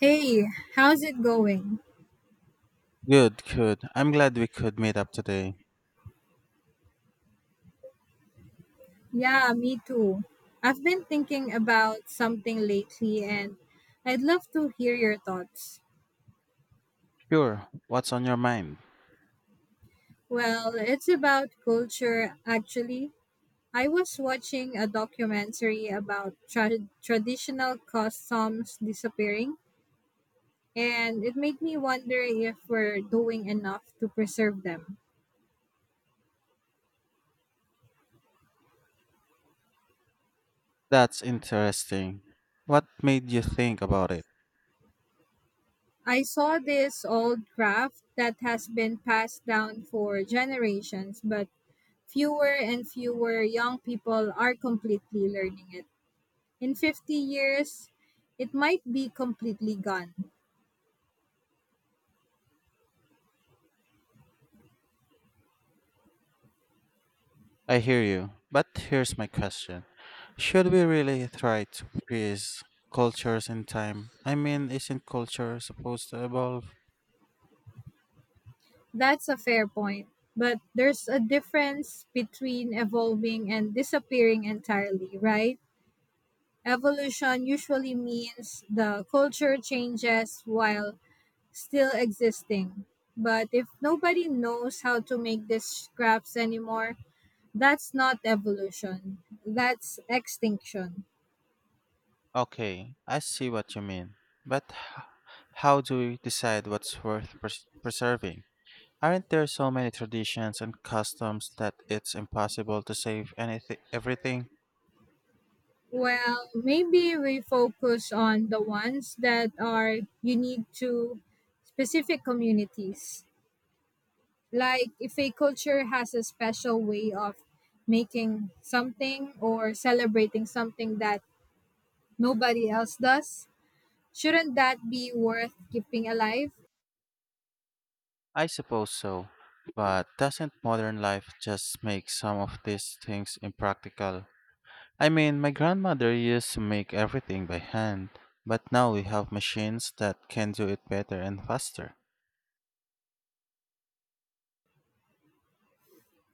Hey, how's it going? Good, good. I'm glad we could meet up today. Yeah, me too. I've been thinking about something lately and I'd love to hear your thoughts. Sure. What's on your mind? Well, it's about culture actually. I was watching a documentary about traditional customs disappearing and it made me wonder if we're doing enough to preserve them. That's interesting. What made you think about it? I saw this old craft that has been passed down for generations, but fewer and fewer young people are completely learning it. In 50 years, it might be completely gone. I hear you. But here's my question. Should we really try to freeze cultures in time? I mean, isn't culture supposed to evolve? That's a fair point. But there's a difference between evolving and disappearing entirely, right? Evolution usually means the culture changes while still existing. But if nobody knows how to make these scraps anymore, that's not evolution, that's extinction. Okay, I see what you mean. But h- how do we decide what's worth preserving? Aren't there so many traditions and customs that it's impossible to save anything everything? Well, maybe we focus on the ones that are unique to specific communities. Like if a culture has a special way of making something or celebrating something that nobody else does, shouldn't that be worth keeping alive? I suppose so. But doesn't modern life just make some of these things impractical? I mean, my grandmother used to make everything by hand, but now we have machines that can do it better and faster.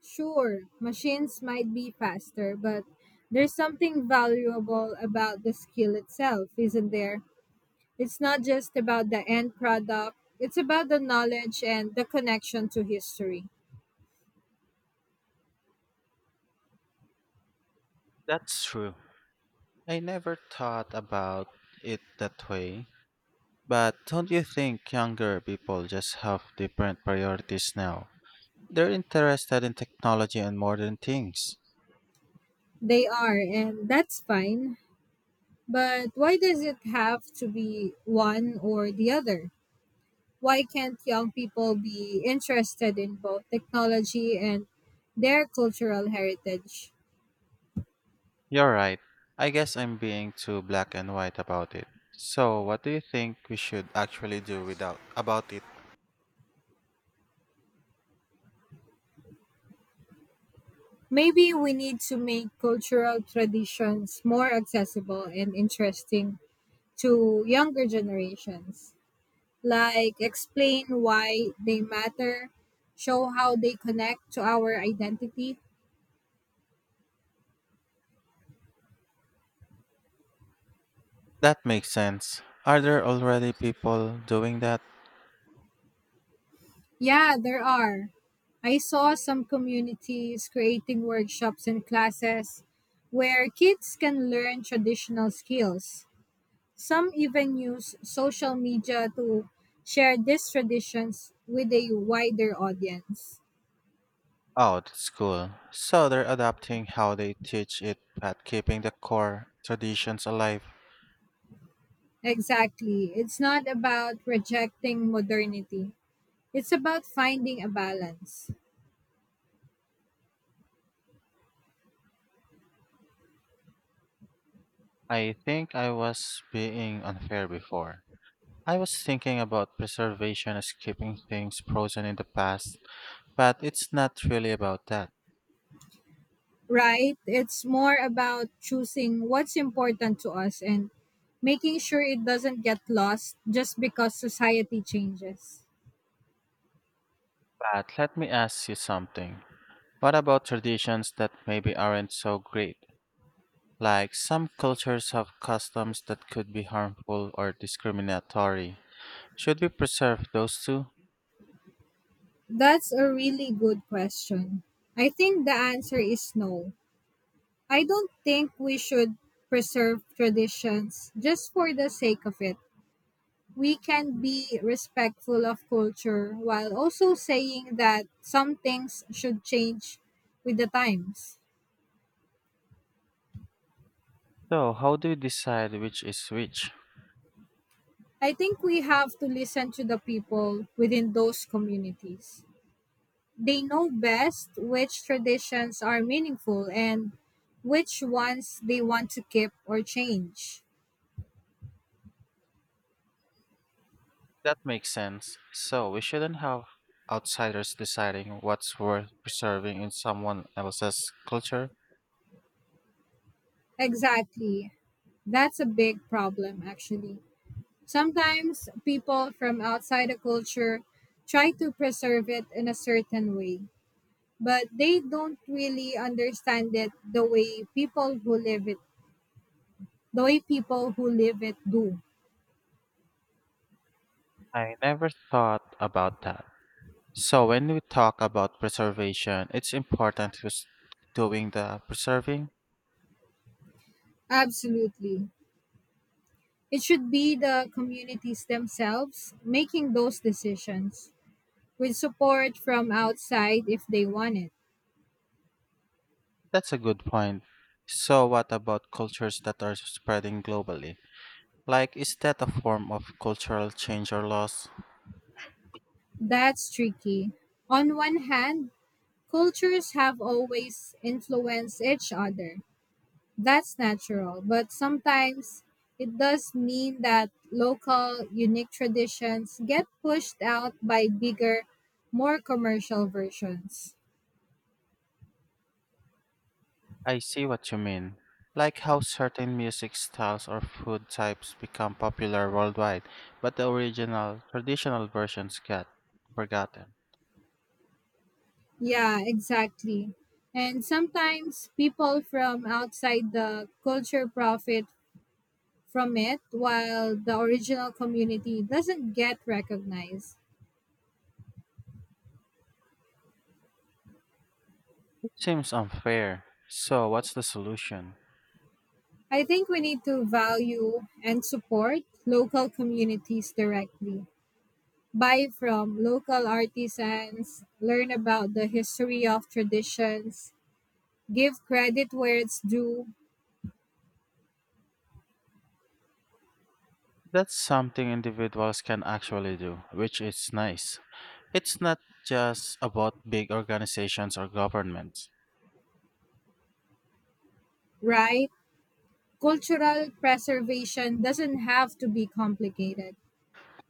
Sure, machines might be faster, but there's something valuable about the skill itself, isn't there? It's not just about the end product, it's about the knowledge and the connection to history. That's true. I never thought about it that way. But don't you think younger people just have different priorities now? They're interested in technology and modern things. They are, and that's fine. But why does it have to be one or the other? Why can't young people be interested in both technology and their cultural heritage? You're right. I guess I'm being too black and white about it. So, what do you think we should actually do without about it? Maybe we need to make cultural traditions more accessible and interesting to younger generations. Like explain why they matter, show how they connect to our identity. That makes sense. Are there already people doing that? Yeah, there are. I saw some communities creating workshops and classes where kids can learn traditional skills. Some even use social media to share these traditions with a wider audience. Oh, that's cool. So they're adapting how they teach it but keeping the core traditions alive. Exactly. It's not about rejecting modernity. It's about finding a balance. I think I was being unfair before. I was thinking about preservation as keeping things frozen in the past, but it's not really about that. Right? It's more about choosing what's important to us and making sure it doesn't get lost just because society changes. But let me ask you something. What about traditions that maybe aren't so great? Like some cultures have customs that could be harmful or discriminatory. Should we preserve those two? That's a really good question. I think the answer is no. I don't think we should preserve traditions just for the sake of it. We can be respectful of culture while also saying that some things should change with the times. So, how do we decide which is which? I think we have to listen to the people within those communities. They know best which traditions are meaningful and which ones they want to keep or change. That makes sense. So, we shouldn't have outsiders deciding what's worth preserving in someone else's culture. Exactly. That's a big problem, actually. Sometimes people from outside a culture try to preserve it in a certain way, but they don't really understand it the way people who live it, the way people who live it do. I never thought about that. So, when we talk about preservation, it's important who's doing the preserving. Absolutely. It should be the communities themselves making those decisions with support from outside if they want it. That's a good point. So, what about cultures that are spreading globally? Like, is that a form of cultural change or loss? That's tricky. On one hand, cultures have always influenced each other. That's natural, but sometimes it does mean that local, unique traditions get pushed out by bigger, more commercial versions. I see what you mean. Like how certain music styles or food types become popular worldwide, but the original, traditional versions get forgotten. Yeah, exactly. And sometimes people from outside the culture profit from it while the original community doesn't get recognized. It seems unfair. So, what's the solution? I think we need to value and support local communities directly. Buy from local artisans, learn about the history of traditions, give credit where it's due, That's something individuals can actually do, which is nice. It's not just about big organizations or governments. right? Cultural preservation doesn't have to be complicated.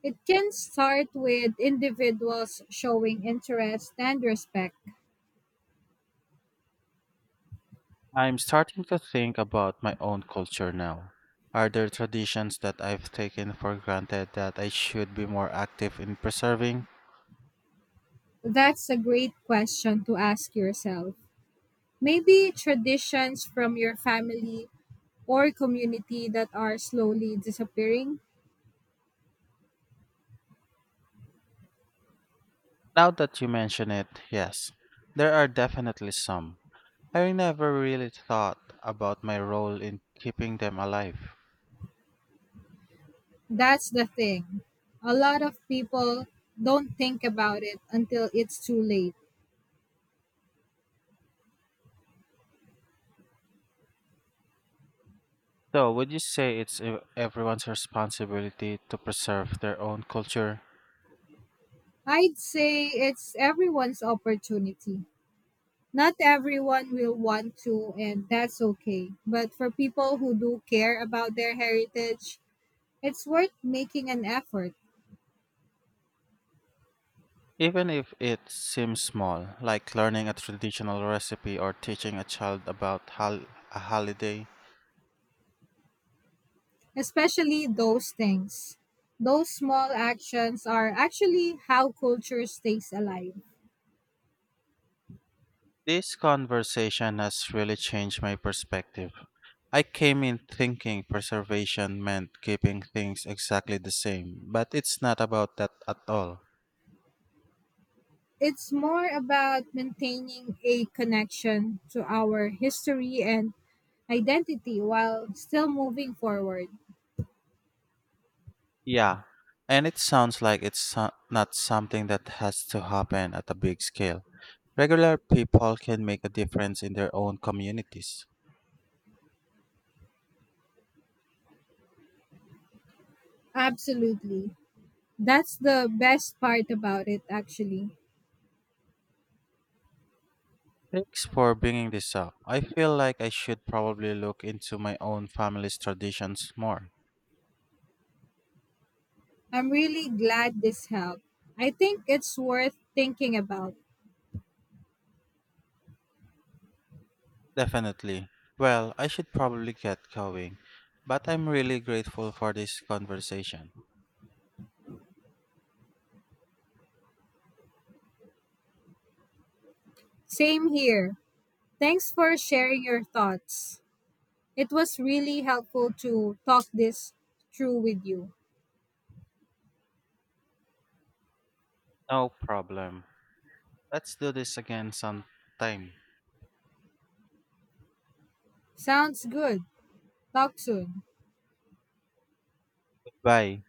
It can start with individuals showing interest and respect. I'm starting to think about my own culture now. Are there traditions that I've taken for granted that I should be more active in preserving? That's a great question to ask yourself. Maybe traditions from your family or community that are slowly disappearing? Now that you mention it, yes, there are definitely some. I never really thought about my role in keeping them alive. That's the thing. A lot of people don't think about it until it's too late. So, would you say it's everyone's responsibility to preserve their own culture? I'd say it's everyone's opportunity. Not everyone will want to, and that's okay. But for people who do care about their heritage, it's worth making an effort, Even if it seems small, like learning a traditional recipe or teaching a child about a holiday? especially those things. Those small actions are actually how culture stays alive. This conversation has really changed my perspective. I came in thinking preservation meant keeping things exactly the same, but it's not about that at all. It's more about maintaining a connection to our history and identity while still moving forward. Yeah, and it sounds like it's not something that has to happen at a big scale. Regular people can make a difference in their own communities. Absolutely. That's the best part about it, actually. Thanks for bringing this up. I feel like I should probably look into my own family's traditions more. I'm really glad this helped. I think it's worth thinking about. Definitely. Well, I should probably get going, but I'm really grateful for this conversation. Same here. Thanks for sharing your thoughts. It was really helpful to talk this through with you. No problem. Let's do this again sometime. Sounds good. Talk soon. Bye.